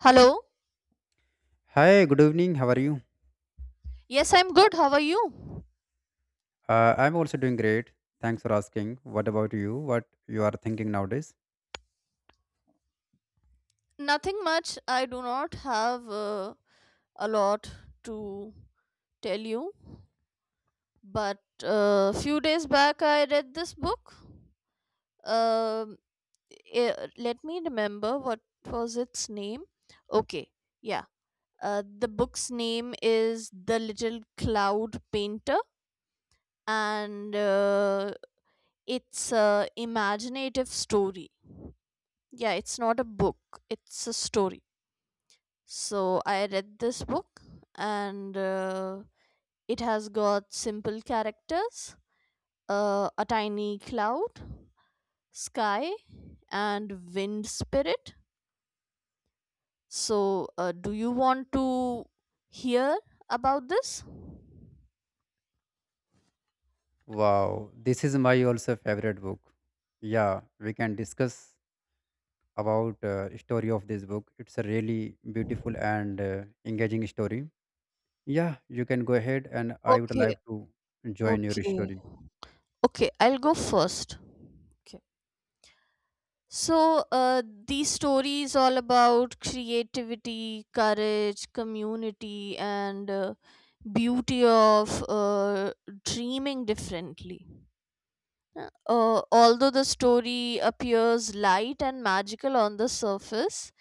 Hello. Hi, good evening. How are you? Yes, I'm good. How are you? I'm also doing great. Thanks for asking. What about you? What you are thinking nowadays? Nothing much. I do not have a lot to tell you, but a few days back I read this book. Um Let me remember what was its name. Okay, yeah. The book's name is The Little Cloud Painter, and it's a imaginative story. Yeah, it's not a book; it's a story. So I read this book, and it has got simple characters: a tiny cloud, sky, and wind spirit. So, do you want to hear about this? Wow, this is my also favorite book. Yeah, we can discuss about story of this book. It's a really beautiful and engaging story. Yeah, you can go ahead, and I would Okay, like to join your okay, story. okay, I'll go first. Okay. So, these stories all about creativity, courage, community, and beauty of dreaming differently. Although the story appears light and magical on the surface,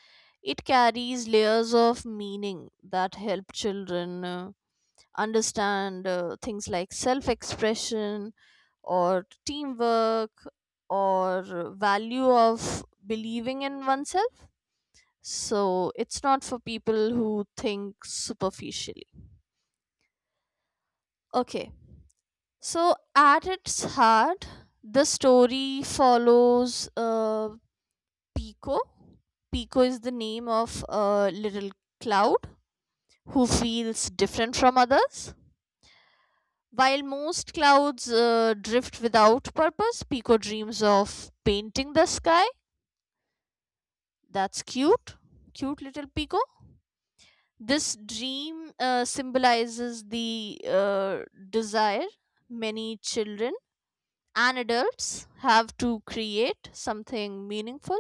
it carries layers of meaning that help children understand things like self expression, or teamwork, or value of believing in oneself. So it's not for people who think superficially. Okay. So at its heart, the story follows Pico. Pico is the name of a little cloud who feels different from others. While most clouds drift without purpose, Pico dreams of painting the sky. That's cute. Cute little Pico. This dream symbolizes the desire many children and adults have to create something meaningful.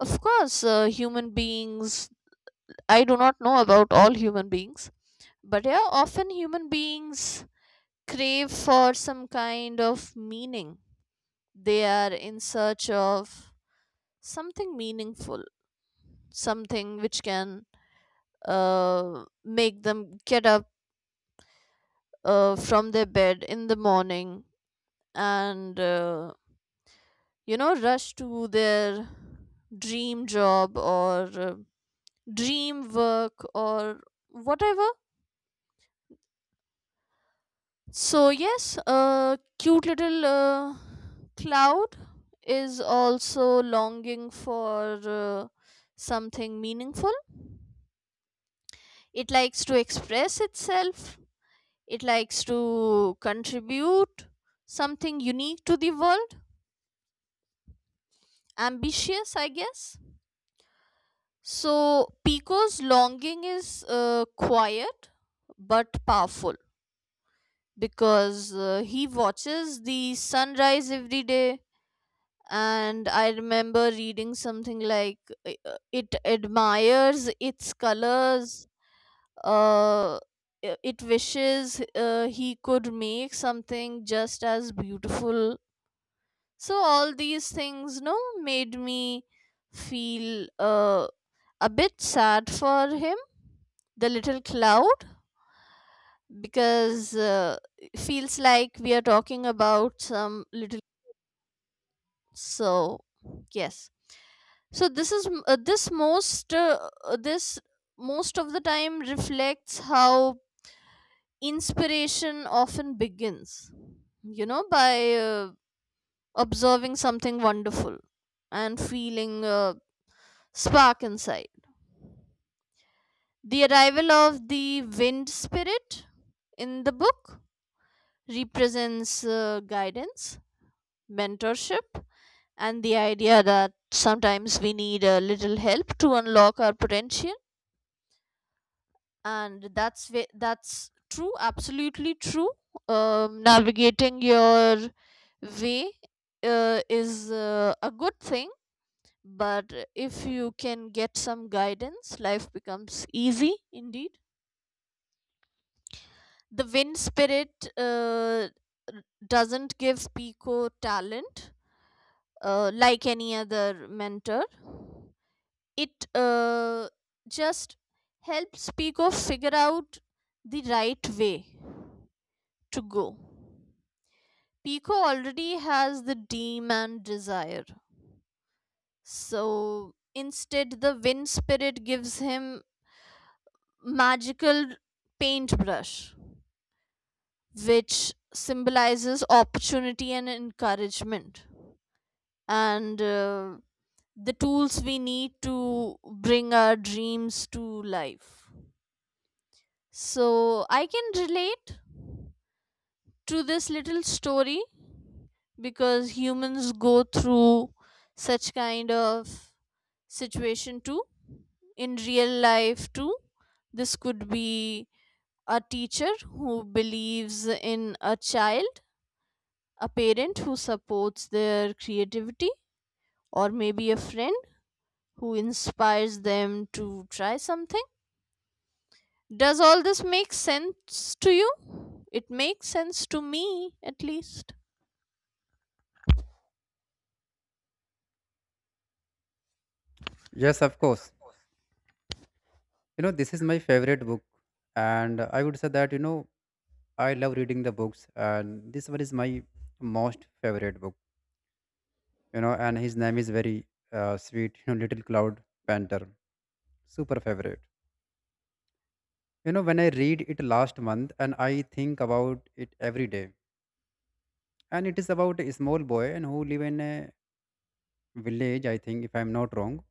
Of course, human beings, I do not know about all human beings, but yeah, often human beings crave for some kind of meaning. They are in search of something meaningful, something which can make them get up from their bed in the morning, and you know, rush to their dream job, or dream work, or whatever. So yes, cute little cloud is also longing for something meaningful. It likes to express itself. It likes to contribute something unique to the world. Ambitious, I guess. So, Pico's longing is quiet but powerful, because he watches the sunrise every day. And I remember reading something like it admires its colors. Uh, i- it wishes he could make something just as beautiful. So all these things no made me feel a bit sad for him, the little cloud, because it feels like we are talking about some little. So yes, so this is m- this most of the time reflects how inspiration often begins, you know, by observing something wonderful and feeling spark inside. The arrival of the wind spirit in the book represents guidance, mentorship, and the idea that sometimes we need a little help to unlock our potential. And that's true, absolutely true. Navigating your way is a good thing, but if you can get some guidance, life becomes easy indeed. The wind spirit doesn't give Pico talent like any other mentor. It just helps Pico figure out the right way to go. Pico already has the dream and desire. So instead, the wind spirit gives him magical paintbrush, which symbolizes opportunity and encouragement, and the tools we need to bring our dreams to life. So I can relate to this little story because humans go through such kind of situation too, in real life too. This could be a teacher who believes in a child, a parent who supports their creativity, or maybe a friend who inspires them to try something. Does all this make sense to you? It makes sense to me, at least. Yes, of course. You know, this is my favorite book, and I would say that I love reading the books, and this one is my most favorite book. You know, and his name is very sweet. You know, little cloud panther. Super favorite. You know, when I read it last month, and I think about it every day. And it is about a small boy and who live in a village, I think, if I'm not wrong.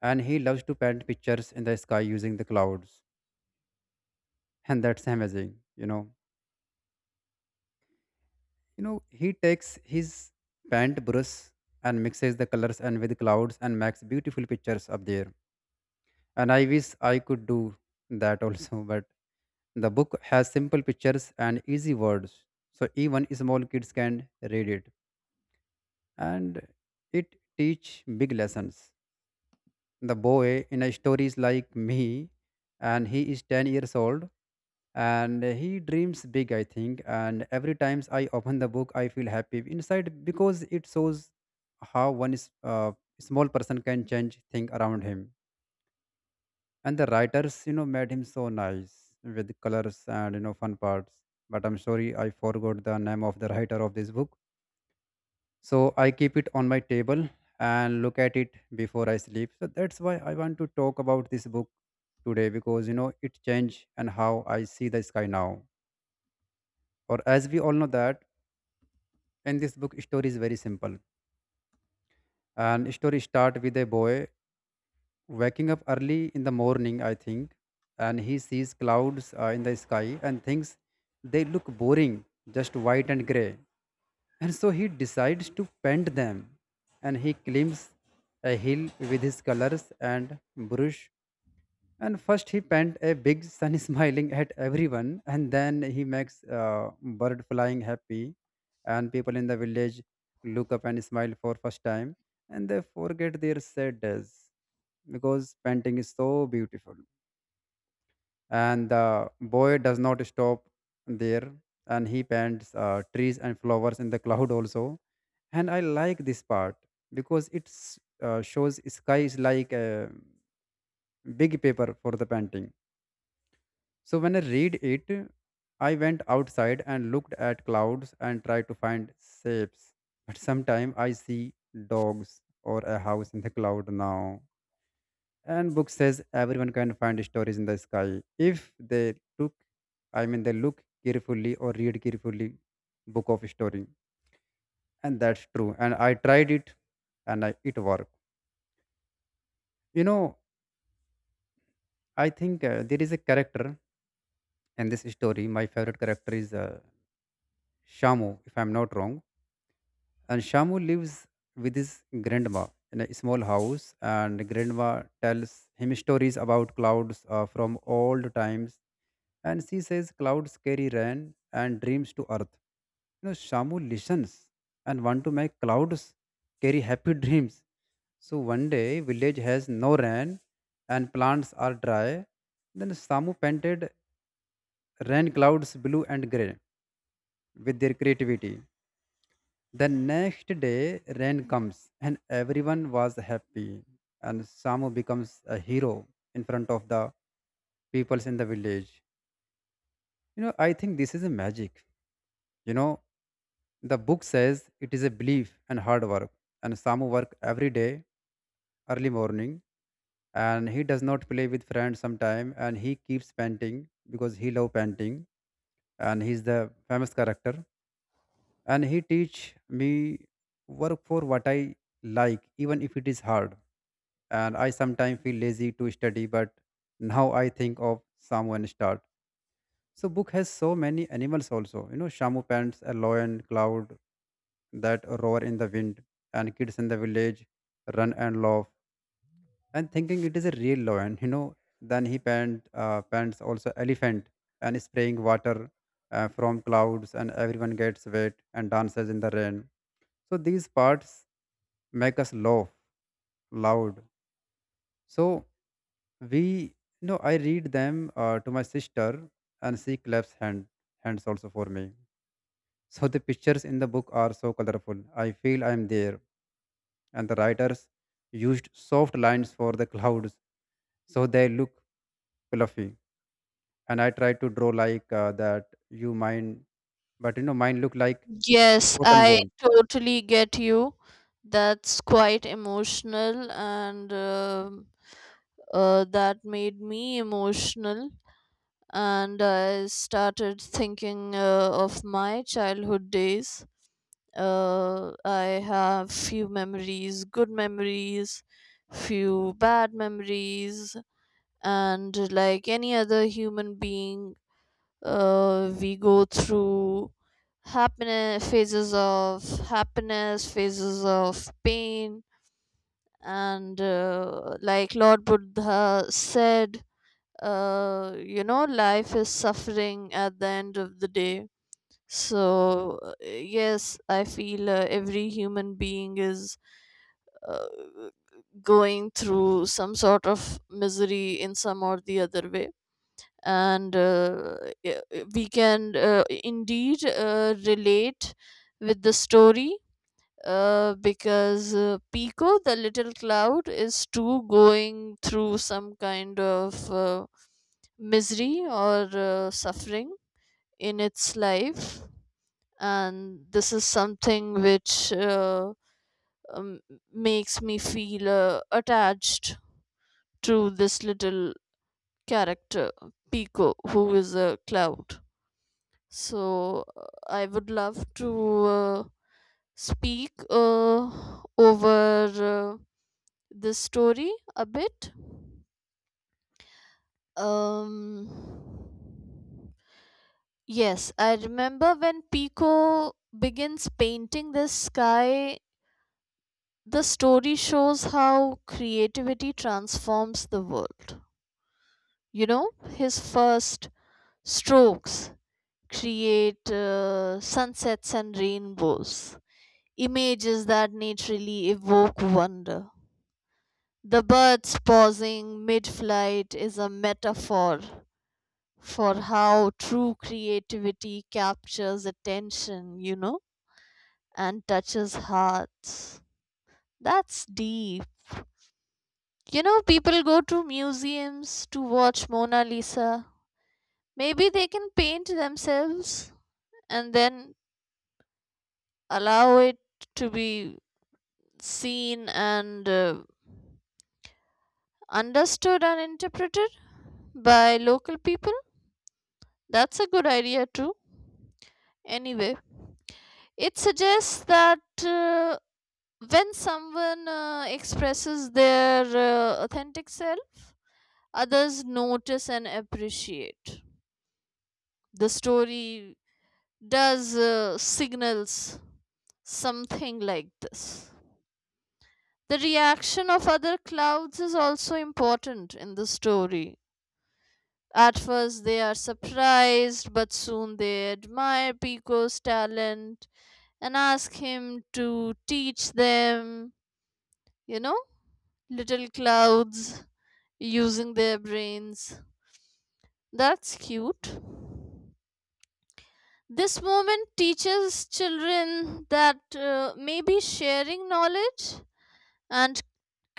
And he loves to paint pictures in the sky using the clouds. And that's amazing. You know you know he takes his paint brush and mixes the colors and with clouds and makes beautiful pictures up there. And I wish I could do that also But the book has simple pictures and easy words, so even small kids can read it. And it teach big lessons. The boy in a story is like me, and he is 10 years old, and he dreams big, I think. And every times I open the book, I feel happy inside because it shows how one is, small person can change thing around him. And the writers made him so nice with colors and fun parts. But I'm sorry, I forgot the name of the writer of this book. So I keep it on my table and look at it before I sleep. So that's why I want to talk about this book today, because you know it changed and how I see the sky now. Or as we all know that in this book, story is very simple. And story start with a boy waking up early in the morning, I think, and he sees clouds in the sky and thinks they look boring, just white and gray. And so he decides to paint them, and he climbs a hill with his colors and brush. And first, he paint a big sun smiling at everyone, and then he makes bird flying happy, and people in the village look up and smile for first time, and they forget their sadness because painting is so beautiful. And the boy does not stop there, and he paints trees and flowers in the cloud also, and I like this part because it shows sky is like a big paper for the painting. So when I read it, I went outside and looked at clouds and tried to find shapes. But sometimes I see dogs or a house in the cloud now. And book says everyone can find stories in the sky if they took, I mean, they look carefully or read carefully book of story. And that's true. And I tried it and I, it worked. You know, I think there is a character in this story. My favorite character is Shamu, if I'm not wrong. And Shamu lives with his grandma in a small house, and grandma tells him stories about clouds from old times. And she says clouds carry rain and dreams to earth. You know, Shamu listens and want to make clouds carry happy dreams. So one day, village has no rain and plants are dry. Then Samu painted rain clouds blue and grey with their creativity. The next day, rain comes and everyone was happy. And Samu becomes a hero in front of the peoples in the village. You know, I think this is a magic. You know, the book says it is a belief and hard work. And Samu work every day, early morning, and he does not play with friends sometime. And he keeps painting because he love painting, and he's the famous character. And he teach me work for what I like, even if it is hard. And I sometimes feel lazy to study, but now I think of someone start. So book has so many animals also. You know, Shamu pants, a lion, cloud that roar in the wind, and kids in the village run and laugh. And thinking it is a real lion. Then he pants also elephant and spraying water from clouds, and everyone gets wet and dances in the rain. So these parts make us laugh loud. So we, I read them to my sister, and she claps hands also for me. So the pictures in the book are so colorful. I feel I am there, and the writers used soft lines for the clouds, so they look fluffy. And I try to draw like that. You mind, but mine look like Yes, cotton I ball. totally get you. That's quite emotional, and that made me emotional. And I started thinking of my childhood days. I have few memories, good memories, few bad memories, and like any other human being, we go through happiness, phases of pain, and like Lord Buddha said, you know, life is suffering at the end of the day. So yes, I feel every human being is uh, going through some sort of misery in some or the other way. And uh, uh, we can indeed relate with the story, because Pico, the little cloud, is too going through some kind of misery or suffering in its life. And this is something which um, makes me feel attached to this little character, Pico, who is a cloud. So I would love to speak over this story a bit. Um, yes, I remember when Pico begins painting the sky, the story shows how creativity transforms the world. You know, his first strokes create sunsets and rainbows, images that naturally evoke wonder. The birds pausing mid flight is a metaphor for how true creativity captures attention, you know, and touches hearts. That's deep. You know, people go to museums to watch Mona Lisa. Maybe they can paint themselves and then allow it to be seen and understood and interpreted by local people. That's a good idea, too. Anyway, it suggests that when someone expresses their authentic self, others notice and appreciate. The story does signals something like this. The reaction of other clouds is also important in the story. At first, they are surprised, but soon they admire Pico's talent and ask him to teach them, you know, little clouds using their brains. That's cute. This moment teaches children that maybe sharing knowledge and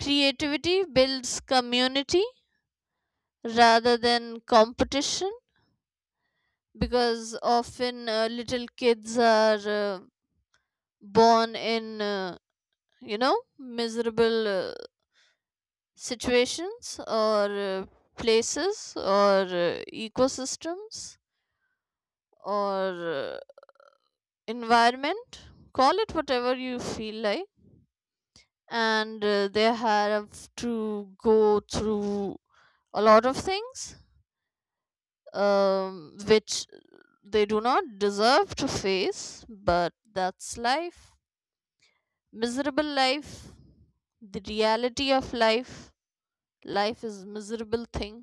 creativity builds community rather than competition, because often little kids are born in you know, miserable situations, or places, or ecosystems, or environment. Call it whatever you feel like. And they have to go through a lot of things, which they do not deserve to face, but that's life. Miserable life. The reality of life. Life is miserable thing.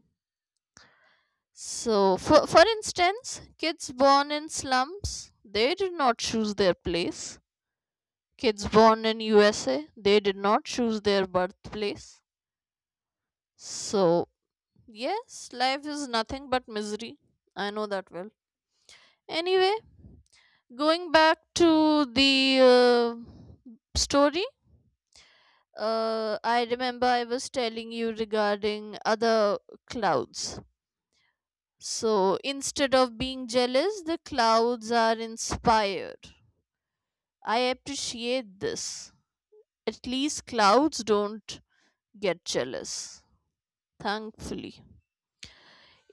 So for instance, kids born in slums, they did not choose their place. Kids born in USA, they did not choose their birthplace. So yes, life is nothing but misery. I know that well. Anyway, going back to the story, I remember I was telling you regarding other clouds. So instead of being jealous, the clouds are inspired. I appreciate this. At least clouds don't get jealous, thankfully.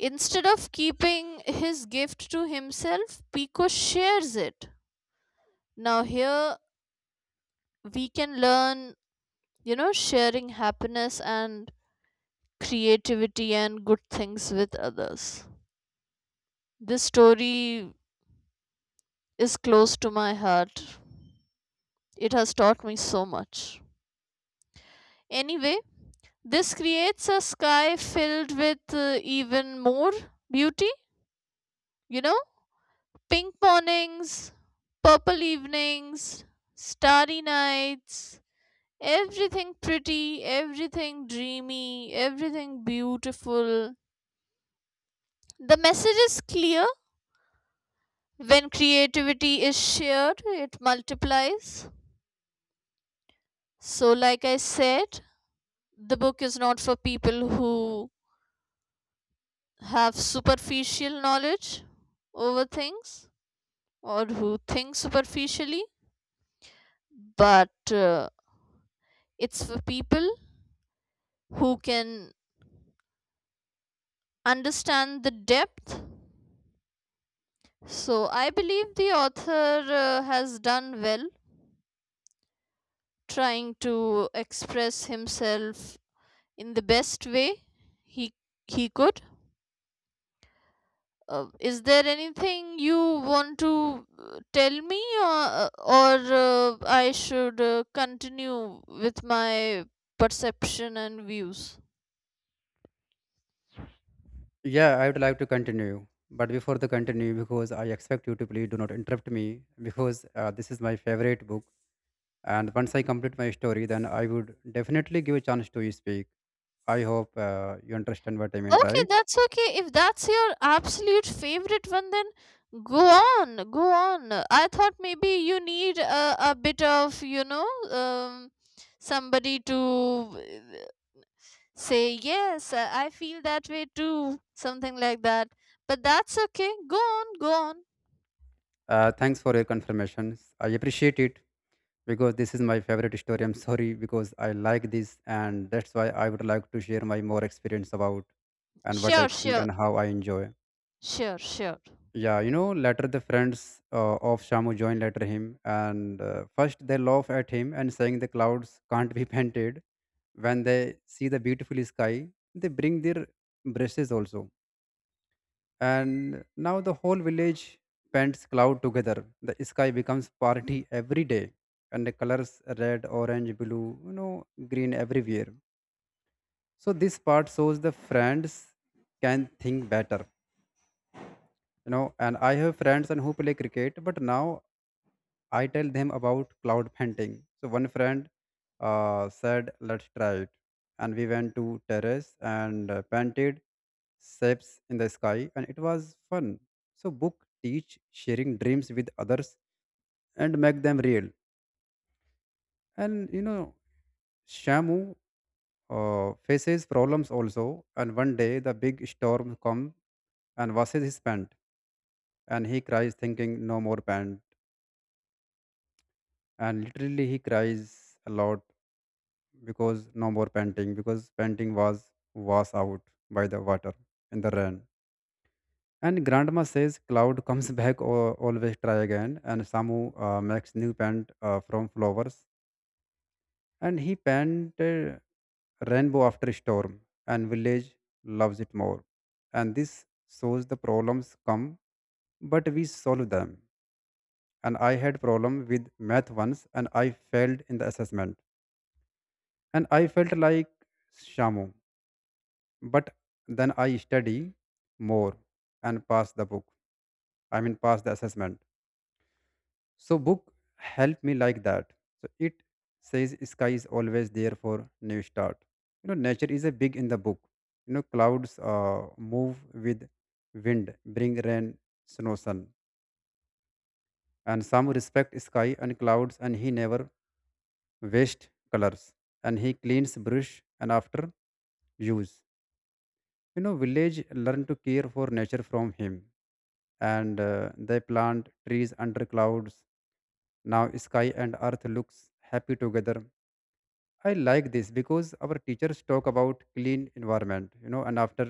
Instead of keeping his gift to himself, Pico shares it. Now, here we can learn, you know, sharing happiness and creativity and good things with others. This story is close to my heart. It has taught me so much. Anyway, this creates a sky filled with even more beauty, you know? Pink mornings, purple evenings, starry nights, everything pretty, everything dreamy, everything beautiful. The message is clear. When creativity is shared, it multiplies. So, like I said, the book is not for people who have superficial knowledge over things, or who think superficially, but it's for people who can understand the depth. So I believe the author has done well trying to express himself in the best way he he could. Is there anything you want to tell me, or I should continue with my perception and views? Yeah, I would like to continue. But before the continue, because I expect you to please do not interrupt me, because this is my favorite book. And once I complete my story, then I would definitely give a chance to you speak. I hope you understand what I mean, Okay, right? that's okay. If that's your absolute favorite one, then go on, go on. I thought maybe you need a bit of, you know, somebody to say, yes, I feel that way too, something like that. But that's okay. Go on, go on. Thanks for your confirmations. I appreciate it because this is my favorite story. I'm sorry because I like this, and that's why I would like to share my more experience about and what I Sure, think sure, and how I enjoy. sure, sure. Yeah, you know, later the friends of Shamu join later him, and first they laugh at him and saying the clouds can't be painted. When they see the beautiful sky, they bring their brushes also. And now the whole village paints cloud together. The sky becomes party every day, and the colors red, orange, blue, green everywhere. So this part shows the friends can think better. And I have friends and who play cricket, but now I tell them about cloud painting. So one friend said, "Let's try it," and we went to terrace and painted shapes in the sky, and it was fun. So book teach sharing dreams with others and make them real. And you know, Shamu faces problems also, and one day the big storm comes and washes his pant, and he cries, thinking, "No more pant," and literally he cries a lot because no more painting because painting was washed out by the water in the rain. And grandma says cloud comes back or always try again. And Samu makes new paint from flowers, and he painted rainbow after storm, and village loves it more. And this shows the problems come but we solve them. And I had problem with math once, and I failed in the assessment, and I felt like Shamu. But then I study more and pass the book. I mean, pass the assessment. So book helped me like that. So it says sky is always there for new start. You know, nature is a big in the book. You know, clouds move with wind, bring rain, snow, sun. And some respect sky and clouds, and he never waste colors. And he cleans brush and after use. You know, village learn to care for nature from him. And they plant trees under clouds. Now sky and earth looks happy together. I like this because our teachers talk about clean environment. And after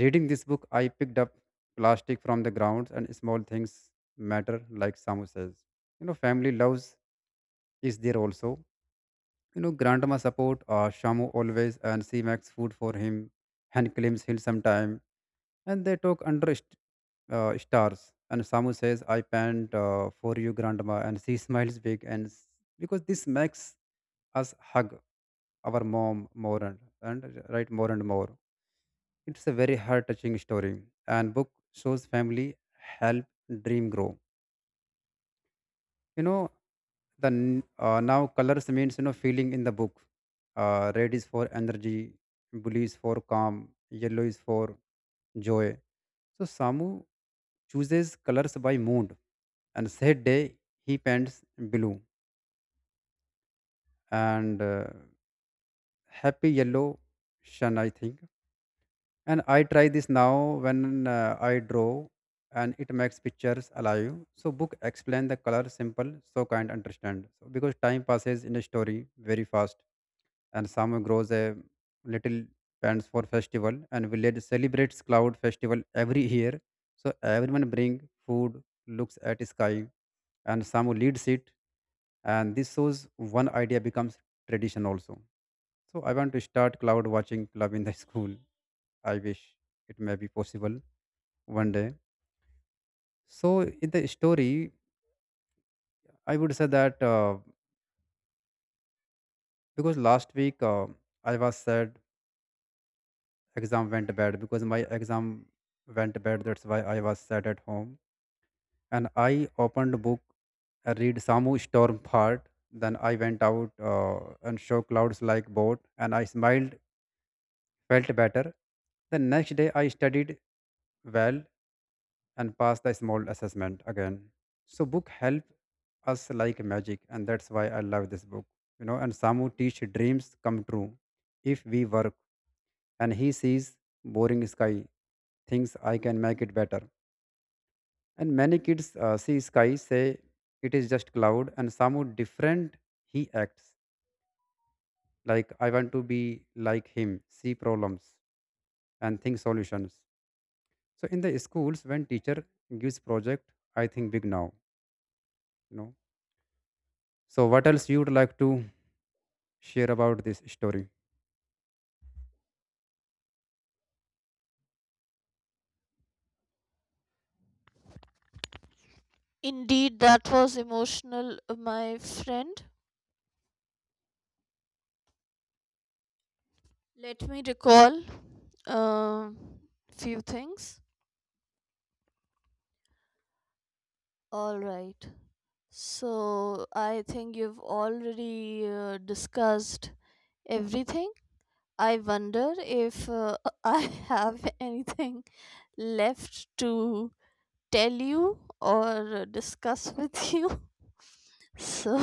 reading this book, I picked up plastic from the grounds. And small things matter, like Samu says. You know, family loves is there also. You know, grandma support Shamu always, and she makes food for him and claims he'll sometime, and they talk under stars. And Samu says, I pant for you, grandma. And she smiles big. And because this makes us hug our mom more, and right more and more. It's a very heart touching story. And book shows family help dream grow. You know, now colors means feeling in the book. Red is for energy, blue is for calm, yellow is for joy. So Samu chooses colors by mood, and said day he paints blue and happy yellow shun, I think. And I try this now when I draw, and it makes pictures alive. So book explain the color simple, so kind understand. So because time passes in a story very fast, and some grows a little plants for festival, and village celebrates cloud festival every year. So everyone bring food, looks at sky, and some leads it, and this shows one idea becomes tradition also. So I want to start cloud watching club in the school. I wish it may be possible one day. So in the story, I would say that, because last week, I was sad exam went bad, because my exam went bad. That's why I was sat at home. And I opened book and read Samu Storm part. Then I went out and show clouds like boat. And I smiled, felt better. The next day I studied well and passed the small assessment again. So book help us like magic, and that's why I love this book. You know, and Samu teach dreams come true if we work, and he sees boring sky, thinks I can make it better. And many kids see sky, say it is just cloud, and Samu different, he acts like I want to be like him, see problems and think solutions. So in the schools, when teacher gives project, I think big now, you know. So what else you would like to share about this story? Indeed, that was emotional, my friend. Let me recall um few things. All right. So I think you've already discussed everything. I wonder if I have anything left to tell you or discuss with you. So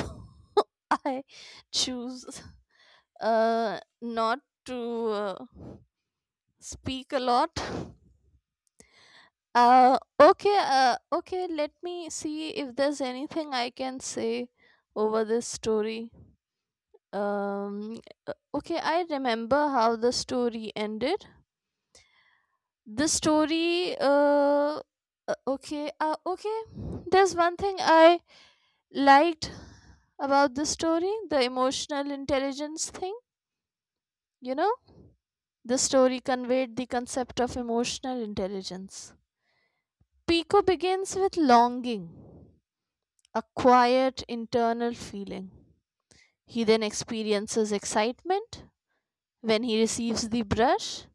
I choose not to speak a lot. Okay, let me see if there's anything I can say over this story. Um, okay, I remember how the story ended. The story, uh, okay. There's one thing I liked about the story, the emotional intelligence thing, you know? The story conveyed the concept of emotional intelligence. Pico begins with longing, a quiet internal feeling. He then experiences excitement when he receives the brush,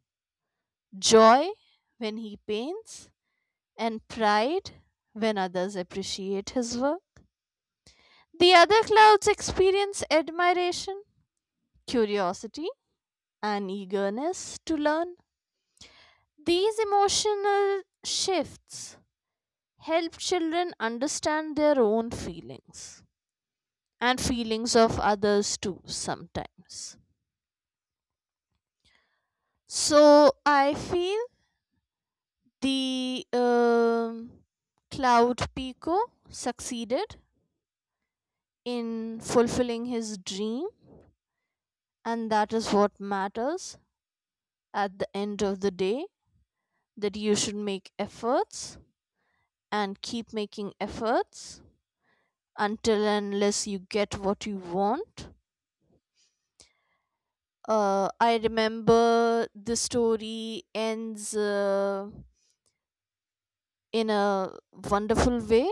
joy when he paints, and pride when others appreciate his work. The other clouds experience admiration, curiosity, and eagerness to learn. These emotional shifts help children understand their own feelings and feelings of others too sometimes. So I feel the cloud Pico succeeded in fulfilling his dream, and that is what matters at the end of the day, that you should make efforts and keep making efforts until and unless you get what you want. I remember the story ends in a wonderful way.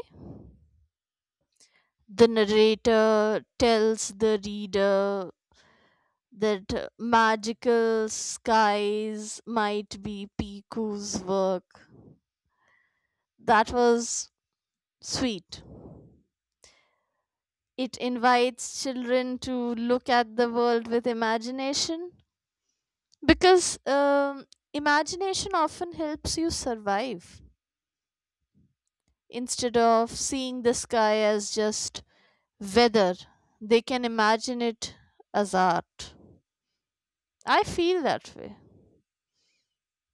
The narrator tells the reader that magical skies might be Piku's work. That was sweet. It invites children to look at the world with imagination, because imagination often helps you survive. Instead of seeing the sky as just weather, they can imagine it as art. I feel that way.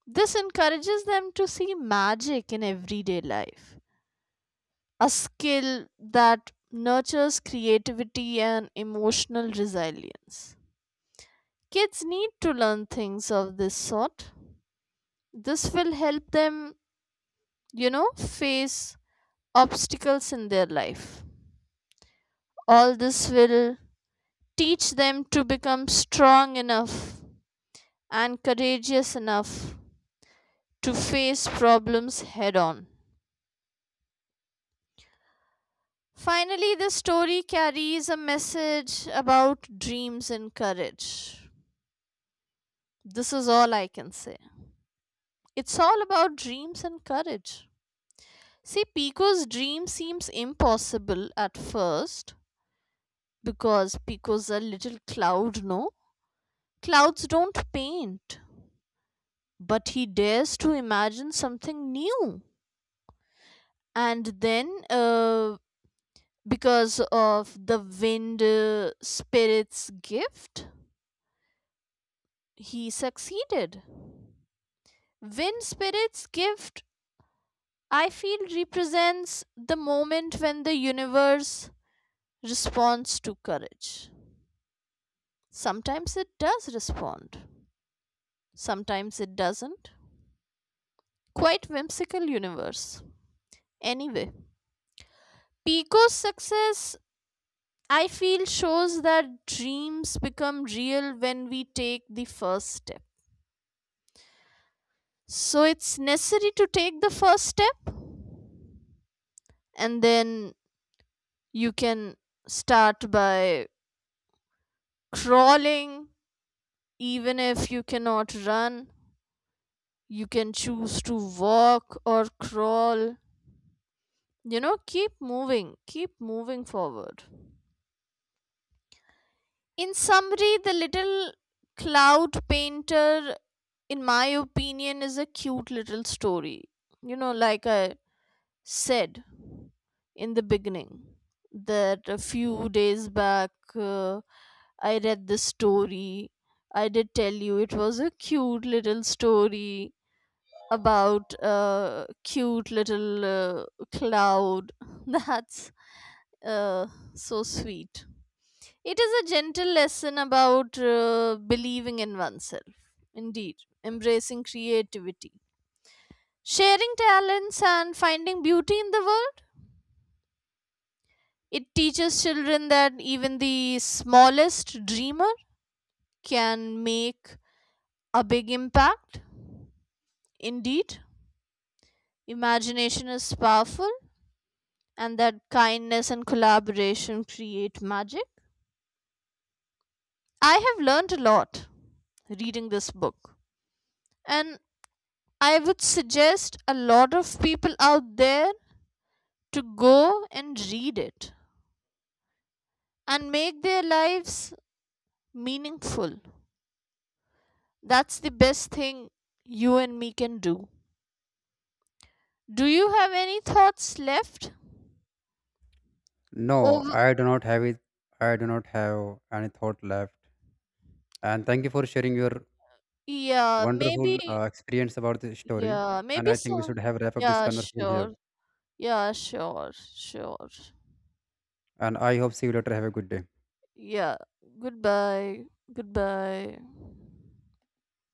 This encourages them to see magic in everyday life, a skill that nurtures creativity and emotional resilience. Kids need to learn things of this sort. This will help them, you know, face obstacles in their life. All this will teach them to become strong enough and courageous enough to face problems head on. Finally, the story carries a message about dreams and courage. This is all I can say. It's all about dreams and courage. See, Pico's dream seems impossible at first, because Pico's a little cloud, no? Clouds don't paint. But he dares to imagine something new. And then, because of the wind spirit's gift, he succeeded. Wind spirit's gift, I feel, represents the moment when the universe responds to courage. Sometimes it does respond, sometimes it doesn't. Quite whimsical universe. Anyway, Pico's success, I feel, shows that dreams become real when we take the first step. So it's necessary to take the first step, and then you can start by crawling, even if you cannot run. You can choose to walk or crawl, you know, keep moving, keep moving forward. In summary, The Little Cloud Painter, in my opinion, is a cute little story. You know, like I said in the beginning, that a few days back, I read this story. I did tell you it was a cute little story about a cute little cloud. That's uh, so sweet. It is a gentle lesson about believing in oneself, indeed, embracing creativity, sharing talents, and finding beauty in the world. It teaches children that even the smallest dreamer can make a big impact. Indeed, imagination is powerful, and that kindness and collaboration create magic. I have learned a lot reading this book, and I would suggest a lot of people out there to go and read it and make their lives meaningful. That's the best thing you and me can do. Do you have any thoughts left? No, Oh, I do not have it. I do not have any thought left. And thank you for sharing your yeah, Wonderful maybe, uh, experience about the story, yeah, and maybe I think we some. should have wrap up this Yeah, conversation here. sure. Yeah, sure, sure. And I hope see you later. Have a good day. Yeah. Goodbye. Goodbye.